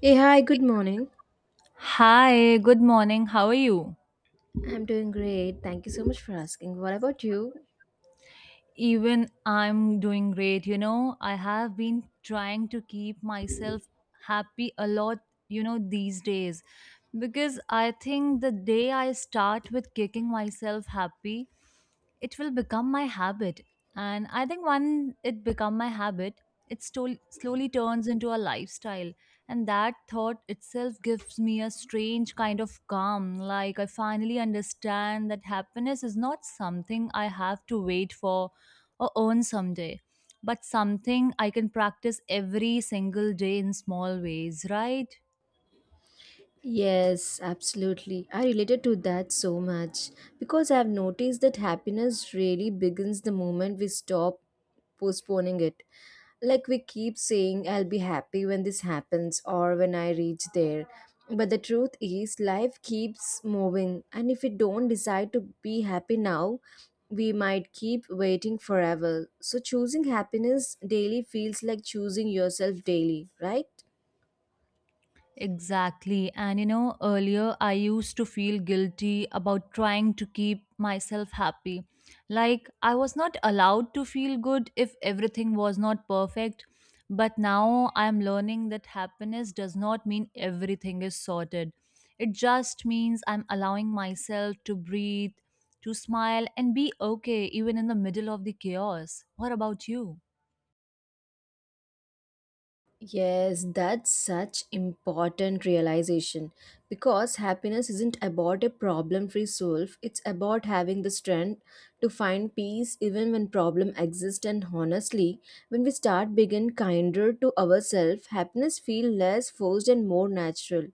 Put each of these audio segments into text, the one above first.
Hey, hi, good morning. Hi, good morning. How are you? I'm doing great. Thank you so much for asking. What about you? Even I'm doing great. You know, I have been trying to keep myself happy a lot, these days because I think the day I start with kicking myself happy, it will become my habit. And I think when it become my habit, slowly turns into a lifestyle. And that thought itself gives me a strange kind of calm. Like I finally understand that happiness is not something I have to wait for or earn someday, but something I can practice every single day in small ways, right? Yes, absolutely. I related to that so much because I've noticed that happiness really begins the moment we stop postponing it. Like we keep saying, I'll be happy when this happens or when I reach there. But the truth is, life keeps moving, and if we don't decide to be happy now, we might keep waiting forever. So, choosing happiness daily feels like choosing yourself daily, right? Exactly. And you know, earlier I used to feel guilty about trying to keep myself happy. Like I was not allowed to feel good if everything was not perfect. But now I'm learning that happiness does not mean everything is sorted. It just means I'm allowing myself to breathe, to smile, and be okay even in the middle of the chaos. What about you? Yes, that's such important realization because happiness isn't about a problem-free solve; it's about having the strength to find peace even when problem exist and honestly, when we start being kinder to ourselves, happiness feel less forced and more natural.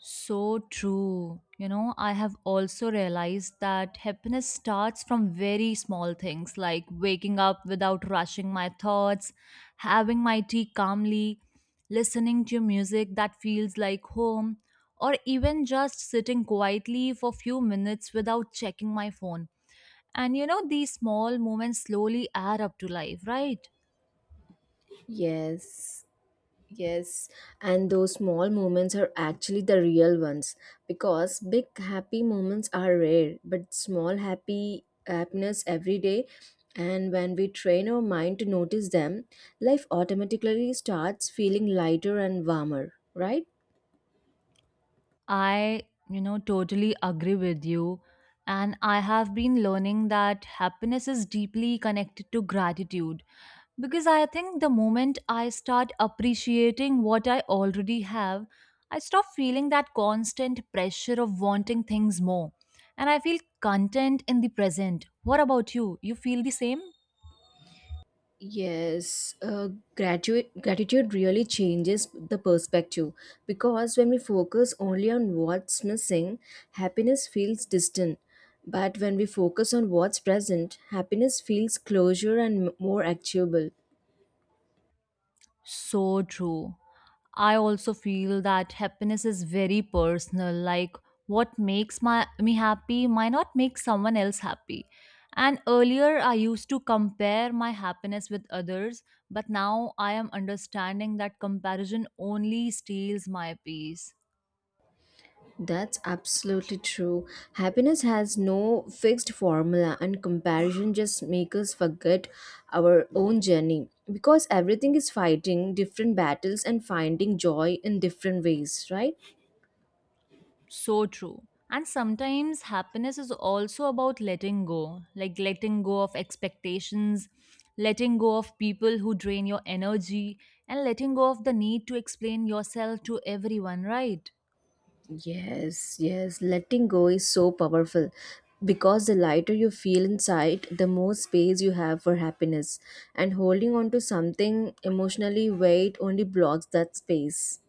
So true. You know, I have also realized that happiness starts from very small things like waking up without rushing my thoughts, having my tea calmly, listening to music that feels like home, or even just sitting quietly for few minutes without checking my phone. And you know, these small moments slowly add up to life, right? Yes. Yes, and those small moments are actually the real ones because big happy moments are rare, but small happy happiness every day. And when we train our mind to notice them, life automatically starts feeling lighter and warmer, right? I, you know, totally agree with you. And I have been learning that happiness is deeply connected to gratitude because I think the moment I start appreciating what I already have, I stop feeling that constant pressure of wanting things more. And I feel content in the present. What about you? You feel the same? Yes, gratitude really changes the perspective because when we focus only on what's missing, happiness feels distant. But when we focus on what's present, happiness feels closure and more achievable. So true. I also feel that happiness is very personal. Like what makes my me happy might not make someone else happy. And earlier I used to compare my happiness with others, but now I am understanding that comparison only steals my peace. That's absolutely true. Happiness has no fixed formula, and comparison just makes us forget our own journey because everything is fighting different battles and finding joy in different ways, right? So true. And sometimes happiness is also about letting go, like letting go of expectations, letting go of people who drain your energy, and letting go of the need to explain yourself to everyone, right? Yes, letting go is so powerful because the lighter you feel inside, the more space you have for happiness. And holding on to something emotionally weight only blocks that space.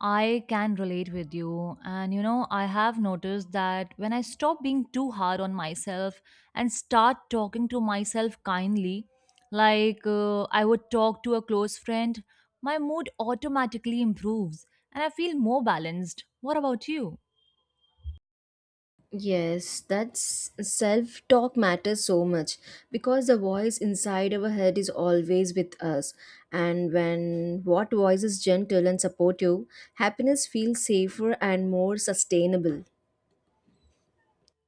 I can relate with you. And you know, I have noticed that when I stop being too hard on myself and start talking to myself kindly, like I would talk to a close friend, my mood automatically improves and I feel more balanced. What about you? Yes, that's self talk matters so much because the voice inside our head is always with us. And when what voice is gentle and supportive, happiness feels safer and more sustainable.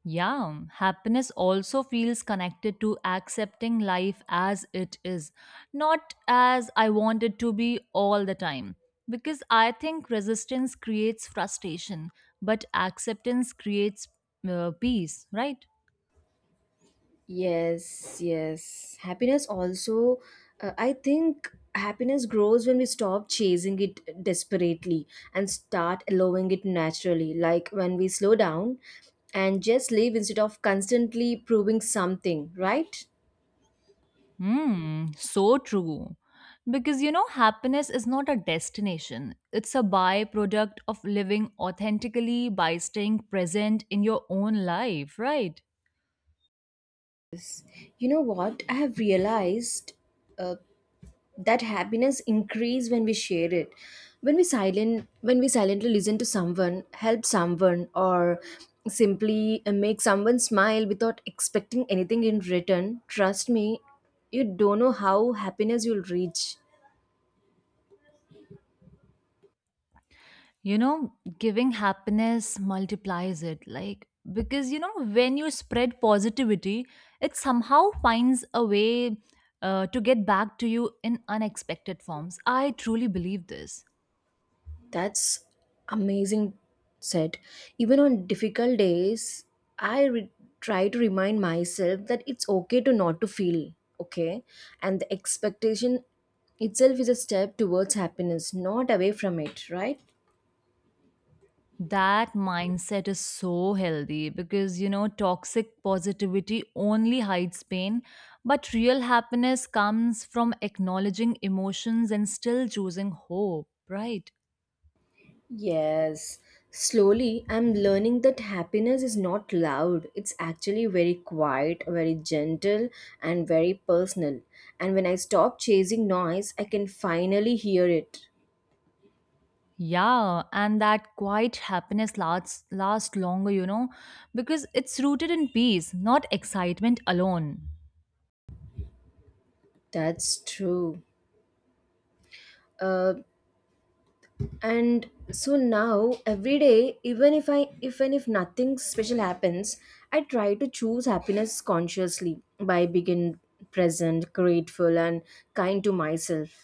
Yeah, happiness also feels connected to accepting life as it is, not as I want it to be all the time. Because I think resistance creates frustration, but acceptance creates peace, right? Yes. Happiness also, I think happiness grows when we stop chasing it desperately and start allowing it naturally. Like when we slow down and just live instead of constantly proving something, right? Hmm, so true. Because you know, happiness is not a destination, it's a byproduct of living authentically by staying present in your own life, right? You know what? I have realized uh, that happiness increase when we share it when we silently listen to someone help someone or simply make someone smile without expecting anything in return, trust me, you don't know how happiness you'll reach. You know, giving happiness multiplies it. Like, because, you know, when you spread positivity, it somehow finds a way to get back to you in unexpected forms. I truly believe this. That's amazing, said. Even on difficult days, I re- try to remind myself that it's okay to not to feel okay, and the expectation itself is a step towards happiness, not away from it, right? That mindset is so healthy because, you know, toxic positivity only hides pain, but real happiness comes from acknowledging emotions and still choosing hope, right? Yes. Slowly, I'm learning that happiness is not loud. It's actually very quiet, very gentle, and very personal. And when I stop chasing noise, I can finally hear it. Yeah, and that quiet happiness lasts longer, you know, because it's rooted in peace, not excitement alone. That's true. uh, and so now every day, even if nothing special happens, I try to choose happiness consciously by being present, grateful and kind to myself.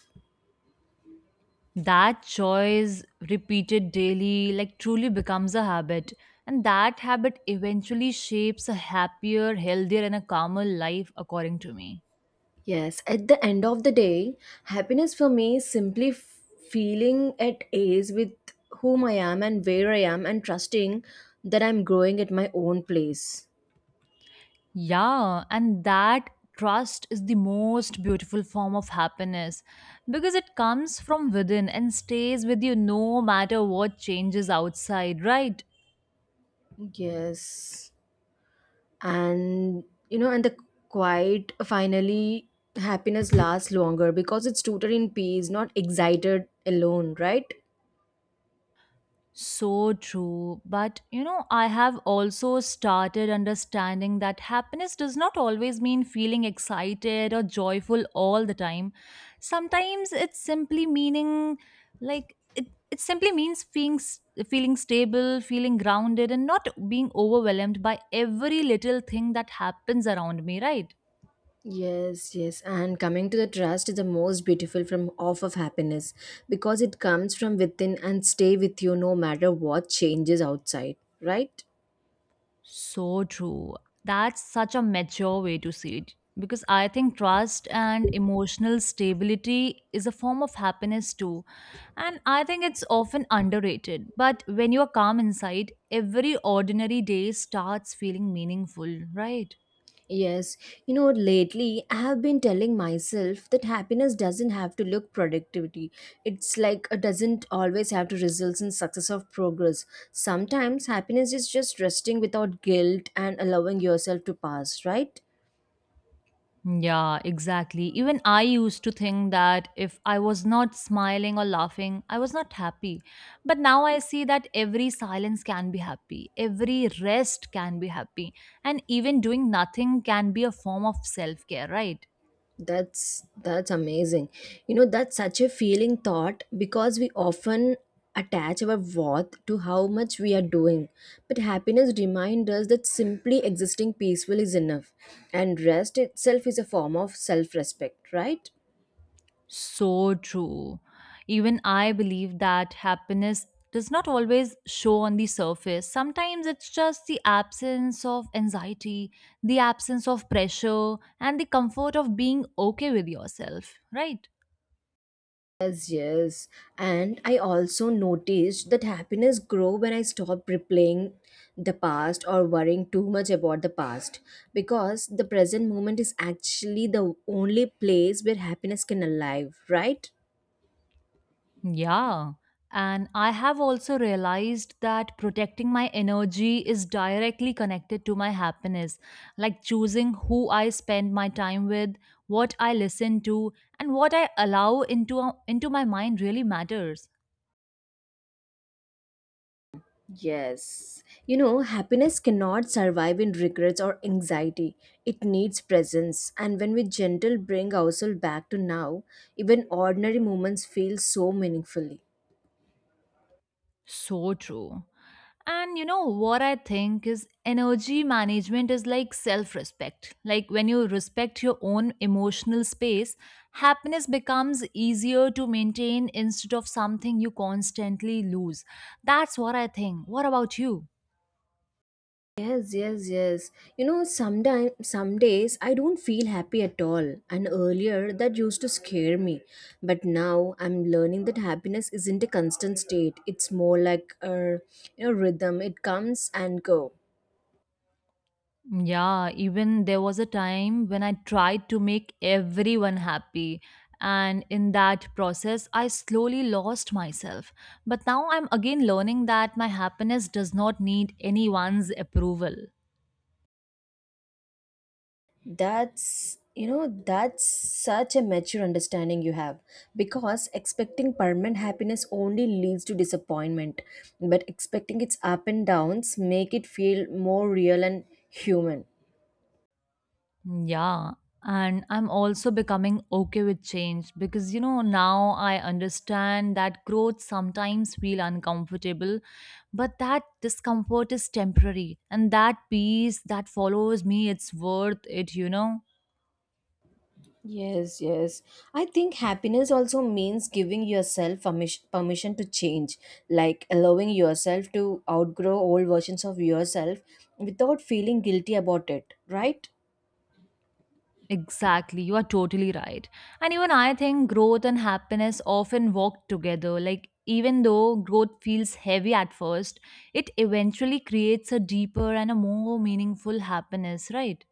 That choice repeated daily like truly becomes a habit, and that habit eventually shapes a happier, healthier and a calmer life according to me. Yes, at the end of the day, happiness for me is simply feeling at ease with whom I am and where I am, and trusting that I'm growing at my own place. Yeah, and that trust is the most beautiful form of happiness because it comes from within and stays with you no matter what changes outside, right? Yes, and you know, and the quiet finally happiness lasts longer because it's rooted in peace, not excited alone, right? So true. But you know, I have also started understanding that happiness does not always mean feeling excited or joyful all the time. Sometimes it's simply meaning like it simply means feeling stable, feeling grounded and not being overwhelmed by every little thing that happens around me, right? Yes. And coming to the trust is the most beautiful from off of happiness because it comes from within and stay with you no matter what changes outside, right? So true. That's such a mature way to see it because I think trust and emotional stability is a form of happiness too. And I think it's often underrated. But when you're calm inside, every ordinary day starts feeling meaningful, right? Yes, you know, lately I have been telling myself that happiness doesn't have to look productivity. It's like it doesn't always have to result in success or progress. Sometimes happiness is just resting without guilt and allowing yourself to pass, right? Yeah, exactly. Even I used to think that if I was not smiling or laughing, I was not happy. But now I see that every silence can be happy, every rest can be happy, and even doing nothing can be a form of self care, right? That's amazing. You know, that's such a feeling thought because we often attach our worth to how much we are doing. But happiness reminds us that simply existing peaceful is enough, and rest itself is a form of self-respect, right? So true. Even I believe that happiness does not always show on the surface. Sometimes it's just the absence of anxiety, the absence of pressure, and the comfort of being okay with yourself, right? Yes. And I also noticed that happiness grow when I stop replaying the past or worrying too much about the past, because the present moment is actually the only place where happiness can alive, right? Yeah. And I have also realized that protecting my energy is directly connected to my happiness, like choosing who I spend my time with, what I listen to, and what I allow into my mind really matters. Yes. You know, happiness cannot survive in regrets or anxiety. It needs presence. And when we gentle bring ourselves back to now, even ordinary moments feel so meaningfully. So true. And you know what I think is energy management is like self respect. Like when you respect your own emotional space, happiness becomes easier to maintain instead of something you constantly lose. That's what I think. What about you? Yes. You know, sometimes, some days I don't feel happy at all. And earlier that used to scare me. But now I'm learning that happiness isn't a constant state. It's more like a, you know, rhythm. It comes and go. Yeah, even there was a time when I tried to make everyone happy. And in that process, I slowly lost myself. But now I'm again learning that my happiness does not need anyone's approval. That's, you know, that's such a mature understanding you have. Because expecting permanent happiness only leads to disappointment. But expecting its up and downs make it feel more real and human. Yeah. And I'm also becoming okay with change because, you know, now I understand that growth sometimes feel uncomfortable, but that discomfort is temporary and that peace that follows me, it's worth it, you know. Yes. I think happiness also means giving yourself permission, permission to change, like allowing yourself to outgrow old versions of yourself without feeling guilty about it, right? Exactly, you are totally right. And even I think growth and happiness often walk together. Like, even though growth feels heavy at first, it eventually creates a deeper and a more meaningful happiness, right?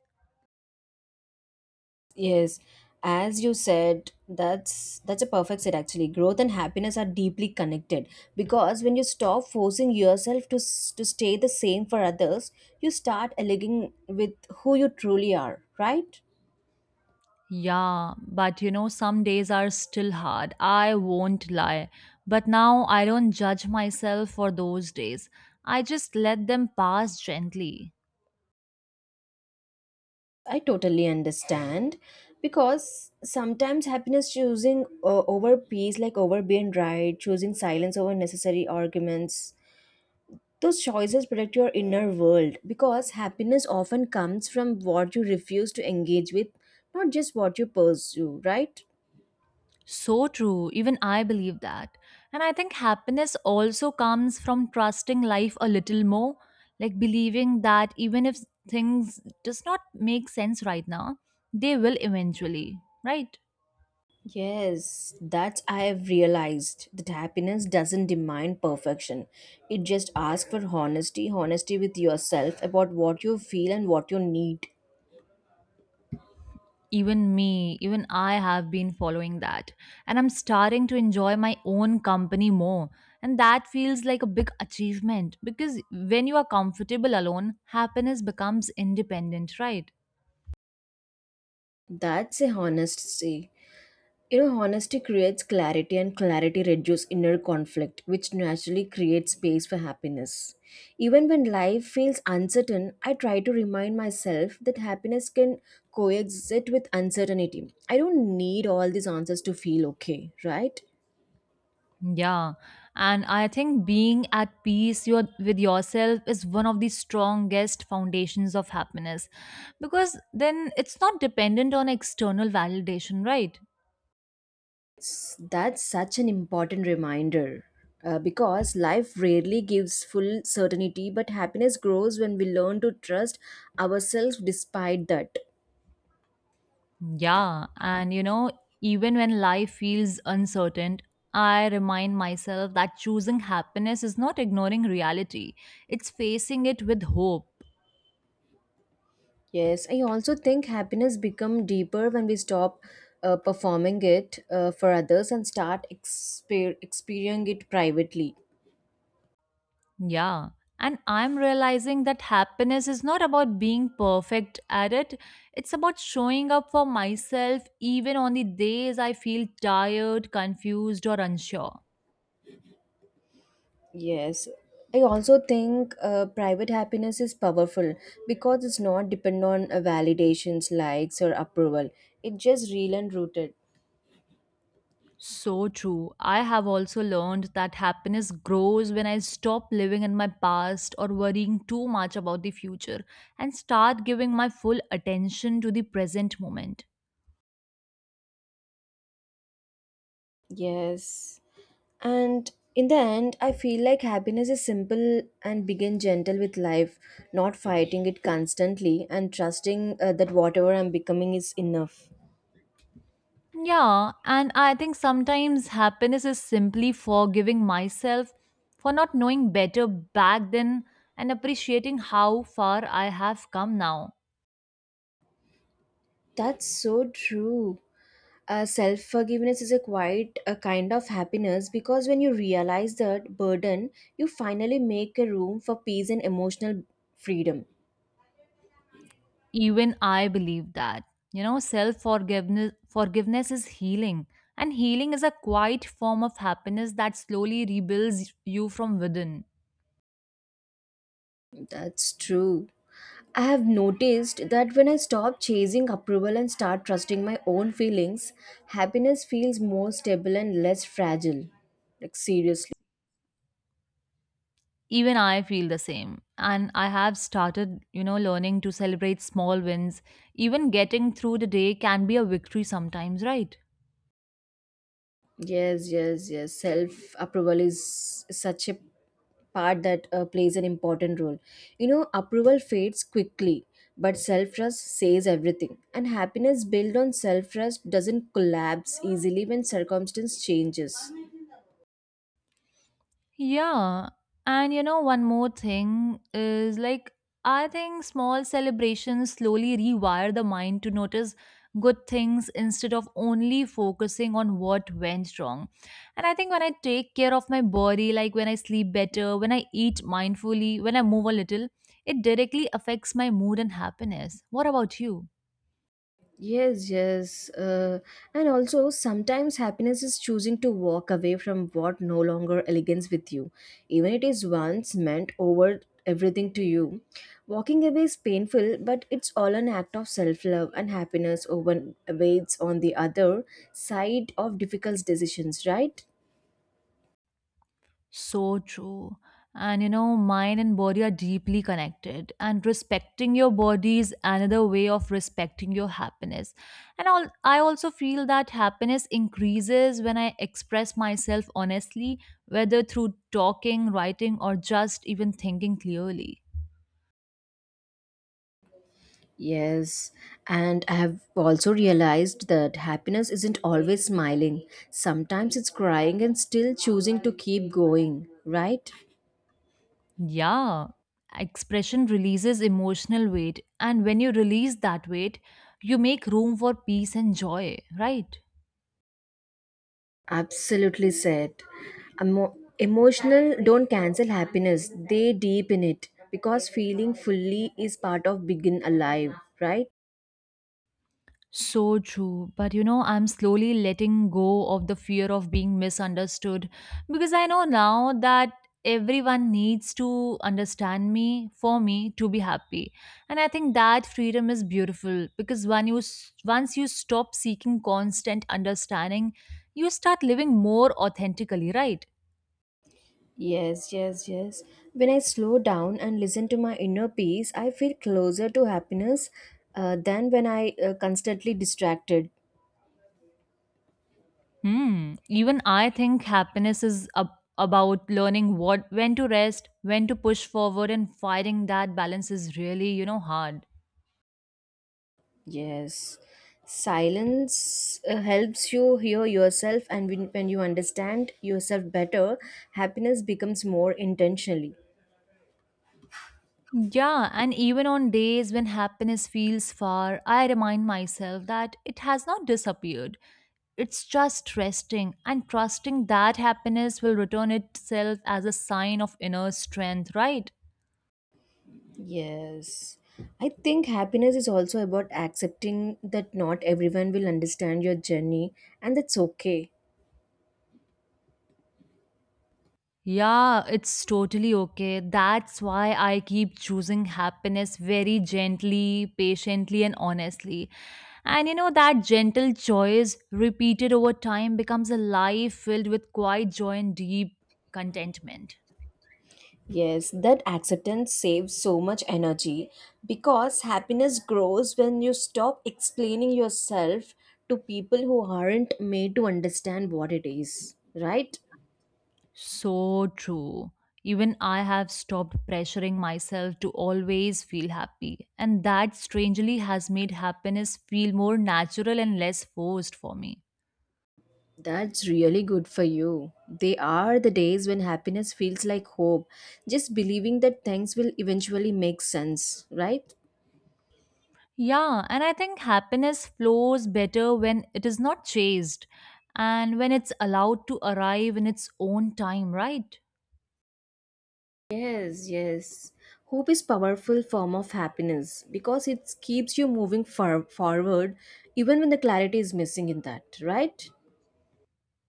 Yes. As you said, that's a perfect set actually. Growth and happiness are deeply connected because when you stop forcing yourself to to stay the same for others, you start aligning with who you truly are, right? Yeah, but you know, some days are still hard. I won't lie. But now I don't judge myself for those days. I just let them pass gently. I totally understand because sometimes happiness choosing over peace, like over being right, choosing silence over necessary arguments, those choices protect your inner world because happiness often comes from what you refuse to engage with, not just what you pursue, right? So true. Even I believe that. And I think happiness also comes from trusting life a little more, like believing that even if things does not make sense right now, they will eventually, right? Yes, that I have realized that happiness doesn't demand perfection. It just asks for honesty, honesty with yourself about what you feel and what you need. Even me, even I have been following that. And I'm starting to enjoy my own company more. And that feels like a big achievement because when you are comfortable alone, happiness becomes independent, right? That's a honesty. You know, honesty creates clarity, and clarity reduces inner conflict, which naturally creates space for happiness. Even when life feels uncertain, I try to remind myself that happiness can coexist with uncertainty. I don't need all these answers to feel okay, right? Yeah, and I think being at peace with yourself is one of the strongest foundations of happiness because then it's not dependent on external validation, right? That's such an important reminder. Because life rarely gives full certainty, but happiness grows when we learn to trust ourselves despite that. Yeah, and you know, even when life feels uncertain, I remind myself that choosing happiness is not ignoring reality, it's facing it with hope. Yes, I also think happiness become deeper when we stop performing it for others and start experiencing it privately. Yeah. And I'm realizing that happiness is not about being perfect at it. It's about showing up for myself even on the days I feel tired, confused, or unsure. Yes, I also think private happiness is powerful because it's not depend on validations, likes, or approval. It's just real and rooted. So true. I have also learned that happiness grows when I stop living in my past or worrying too much about the future and start giving my full attention to the present moment. Yes. And in the end, I feel like happiness is simple and begin gentle with life, not fighting it constantly and trusting that whatever I'm becoming is enough. Yeah, and I think sometimes happiness is simply forgiving myself for not knowing better back then and appreciating how far I have come now. That's so true. Self forgiveness is a quite a kind of happiness because when you realize that burden, you finally make a room for peace and emotional freedom. Even I believe that. You know, self forgiveness forgiveness is healing. And healing is a quiet form of happiness that slowly rebuilds you from within. That's true. I have noticed that when I stop chasing approval and start trusting my own feelings, happiness feels more stable and less fragile. Like, seriously. Even I feel the same. And I have started, you know, learning to celebrate small wins. Even getting through the day can be a victory sometimes, right? Yes. Self approval is such a part that plays an important role. You know, approval fades quickly, but self trust says everything. And happiness built on self trust doesn't collapse easily when circumstance changes. Yeah. And you know, one more thing is like, I think small celebrations slowly rewire the mind to notice good things instead of only focusing on what went wrong. And I think when I take care of my body, like when I sleep better, when I eat mindfully, when I move a little, it directly affects my mood and happiness. What about you? Yes. And also, sometimes happiness is choosing to walk away from what no longer aligns with you, even it is once meant over everything to you. Walking away is painful, but it's all an act of self love and happiness over awaits on the other side of difficult decisions, right? So true. And you know, mind and body are deeply connected. And respecting your body is another way of respecting your happiness. And all, I also feel that happiness increases when I express myself honestly, whether through talking, writing, or just even thinking clearly. Yes, and I have also realized that happiness isn't always smiling. Sometimes it's crying and still choosing to keep going, right? Yeah, expression releases emotional weight. And when you release that weight, you make room for peace and joy, right? Absolutely said. Emotional don't cancel happiness, they deepen it because feeling fully is part of being alive, right? So true. But you know, I'm slowly letting go of the fear of being misunderstood because I know now that everyone needs to understand me for me to be happy. And I think that freedom is beautiful because when once you stop seeking constant understanding, you start living more authentically, right? Yes. When I slow down and listen to my inner peace, I feel closer to happiness than when I constantly distracted. Hmm. Even I think happiness is about learning what when to rest, when to push forward and finding that balance is really, you know, hard. Yes. Silence helps you hear yourself, and when you understand yourself better, happiness becomes more intentionally. Yeah, and even on days when happiness feels far, I remind myself that it has not disappeared. It's just resting and trusting that happiness will return itself as a sign of inner strength, right? Yes. I think happiness is also about accepting that not everyone will understand your journey, and that's okay. Yeah, it's totally okay. That's why I keep choosing happiness very gently, patiently, and honestly. And you know, that gentle choice repeated over time becomes a life filled with quiet joy and deep contentment. Yes, that acceptance saves so much energy because happiness grows when you stop explaining yourself to people who aren't made to understand what it is, right? So true. Even I have stopped pressuring myself to always feel happy, and that strangely has made happiness feel more natural and less forced for me. That's really good for you. They are the days when happiness feels like hope, just believing that things will eventually make sense, right? Yeah, and I think happiness flows better when it is not chased and when it's allowed to arrive in its own time, right? Yes. Hope is powerful form of happiness because it keeps you moving forward even when the clarity is missing in that, right?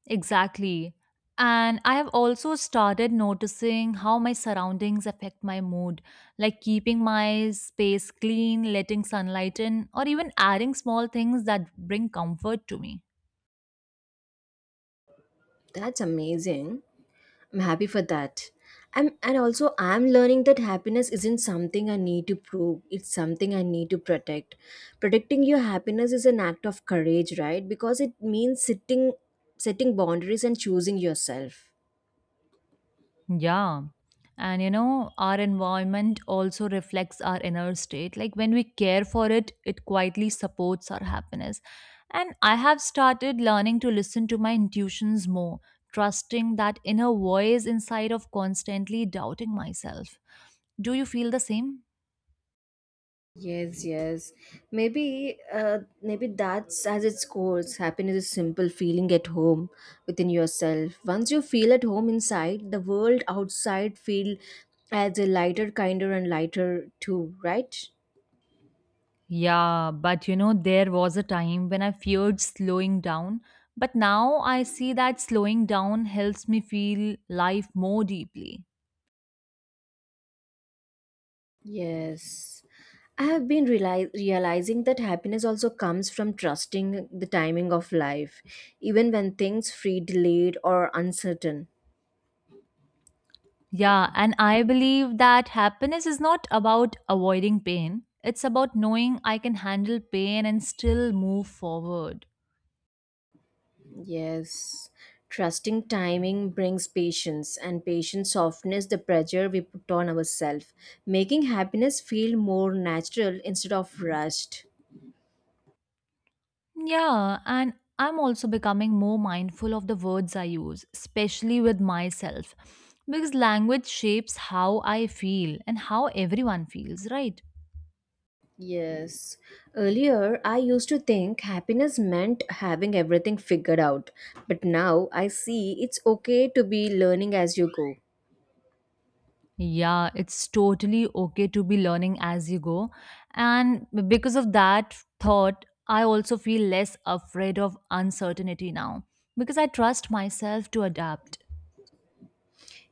Exactly. And I have also started noticing how my surroundings affect my mood, like keeping my space clean, letting sunlight in, or even adding small things that bring comfort to me. That's amazing. I'm happy for that. And also I'm learning that happiness isn't something I need to prove. It's something I need to protect. Protecting your happiness is an act of courage, right? Because it means sitting setting boundaries and choosing yourself. Yeah. And you know, our environment also reflects our inner state. Like when we care for it, it quietly supports our happiness. And I have started learning to listen to my intuitions more, trusting that inner voice inside of constantly doubting myself. Do you feel the same? Yes. Maybe, maybe that's as its course. Happiness is simple feeling at home within yourself. Once you feel at home inside, the world outside feel as a lighter, kinder, and lighter too. Right? Yeah, but you know, there was a time when I feared slowing down. But now I see that slowing down helps me feel life more deeply. Yes. I have been realizing that happiness also comes from trusting the timing of life, even when things feel delayed or uncertain. Yeah, and I believe that happiness is not about avoiding pain. It's about knowing I can handle pain and still move forward. Yes. Trusting timing brings patience, and patience softens the pressure we put on ourselves, making happiness feel more natural instead of rushed. Yeah, and I'm also becoming more mindful of the words I use, especially with myself, because language shapes how I feel and how everyone feels, right? Yes. Earlier, I used to think happiness meant having everything figured out, but now I see it's okay to be learning as you go. Yeah, it's totally okay to be learning as you go. And because of that thought, I also feel less afraid of uncertainty now because I trust myself to adapt.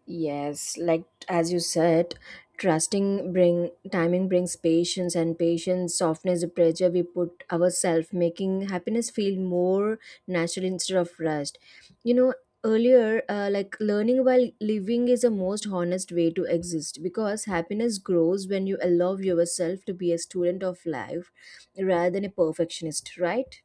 Yes, like as you said, trusting bring timing brings patience and patience softness the pressure we put ourselves, making happiness feel more natural instead of rushed. You know, earlier, like learning while living is the most honest way to exist because happiness grows when you allow yourself to be a student of life rather than a perfectionist, right?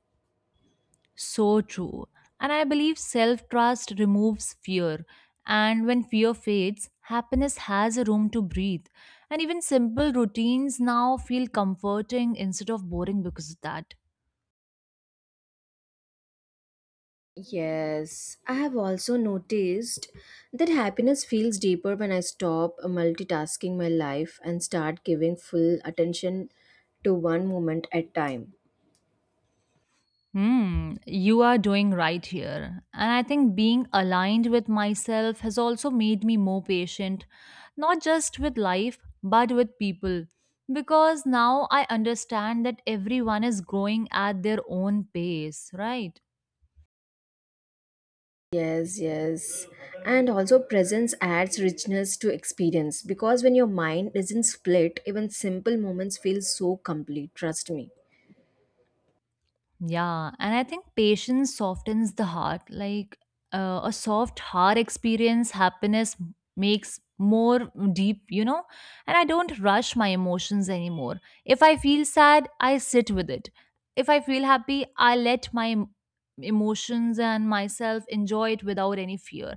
So true. And I believe self trust removes fear. And when fear fades, happiness has a room to breathe. And even simple routines now feel comforting instead of boring because of that. Yes, I have also noticed that happiness feels deeper when I stop multitasking my life and start giving full attention to one moment at time. Hmm, you are doing right here. And I think being aligned with myself has also made me more patient, not just with life, but with people. Because now I understand that everyone is growing at their own pace, right? Yes. And also presence adds richness to experience because when your mind isn't split, even simple moments feel so complete, trust me. Yeah, and I think patience softens the heart. Like a soft heart experience, happiness makes more deep, you know. And I don't rush my emotions anymore. If I feel sad, I sit with it. If I feel happy, I let my emotions and myself enjoy it without any fear.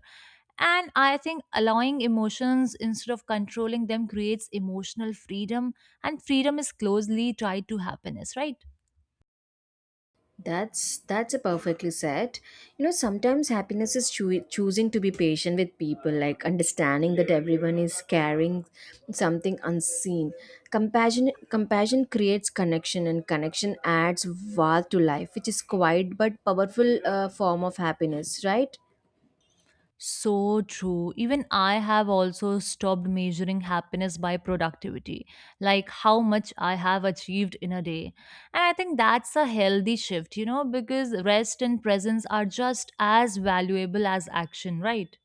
And I think allowing emotions instead of controlling them creates emotional freedom, and freedom is closely tied to happiness, right? That's a perfectly said. You know, sometimes happiness is choosing to be patient with people, like understanding that everyone is carrying something unseen. Compassion creates connection, and connection adds warmth to life, which is quiet but powerful form of happiness, right? So true. Even I have also stopped measuring happiness by productivity, like how much I have achieved in a day. And I think that's a healthy shift, you know, because rest and presence are just as valuable as action, right?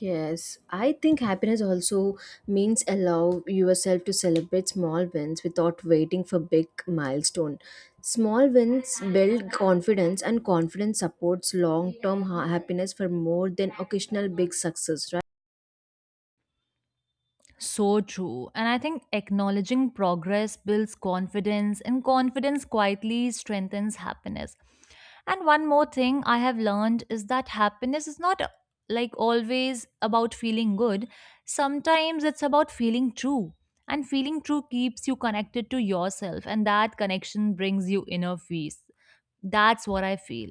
Yes, I think happiness also means allow yourself to celebrate small wins without waiting for big milestone. Small wins build confidence and confidence supports long-term happiness for more than occasional big success. So true. And I think acknowledging progress builds confidence, and confidence quietly strengthens happiness. And one more thing I have learned is that happiness is not like always about feeling good, sometimes it's about feeling true. And feeling true keeps you connected to yourself, and that connection brings you inner peace. That's what I feel.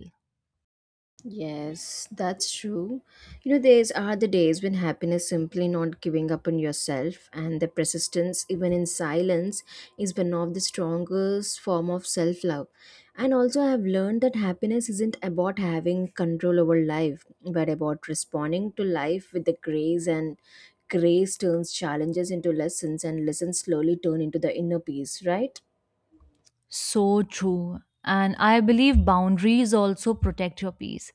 Yes, that's true. You know, these are the days when happiness simply not giving up on yourself and the persistence even in silence is one of the strongest form of self-love. And also I have learned that happiness isn't about having control over life, but about responding to life with the grace and grace turns challenges into lessons and lessons slowly turn into the inner peace, right? So true. And I believe boundaries also protect your peace.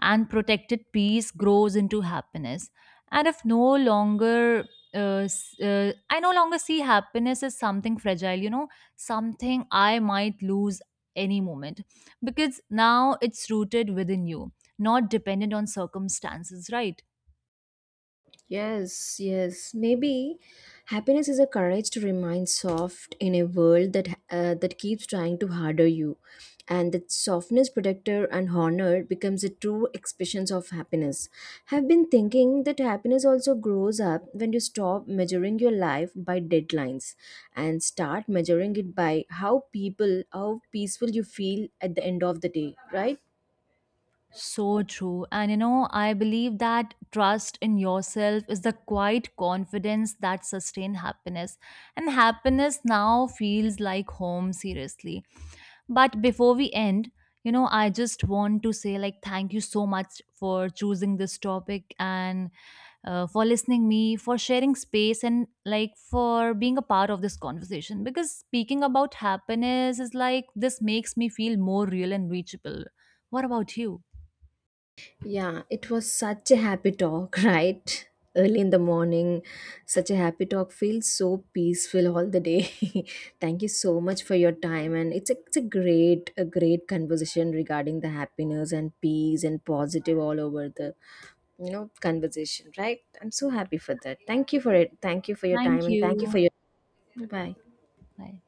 And protected peace grows into happiness. And if no longer, uh, s- I no longer see happiness as something fragile, you know, something I might lose any moment. Because now it's rooted within you, not dependent on circumstances, right? Yes. Maybe happiness is a courage to remain soft in a world that keeps trying to harder you, and that softness, protector, and honor becomes a true expression of happiness. Have been thinking that happiness also grows up when you stop measuring your life by deadlines and start measuring it by how people, how peaceful you feel at the end of the day, right? So true. And you know, I believe that trust in yourself is the quiet confidence that sustains happiness. And happiness now feels like home, seriously. But before we end, you know, I just want to say, like, thank you so much for choosing this topic and for listening me, for sharing space, and like for being a part of this conversation. Because speaking about happiness is like this makes me feel more real and reachable. What about you? Yeah, it was such a happy talk, right? Early in the morning, such a happy talk feels so peaceful all the day. Thank you so much for your time, and it's a great conversation regarding the happiness and peace and positive all over the, you know, conversation, right? I'm so happy for that. Thank you for it. Thank you for your time, Thank and thank you for you. your bye. Bye.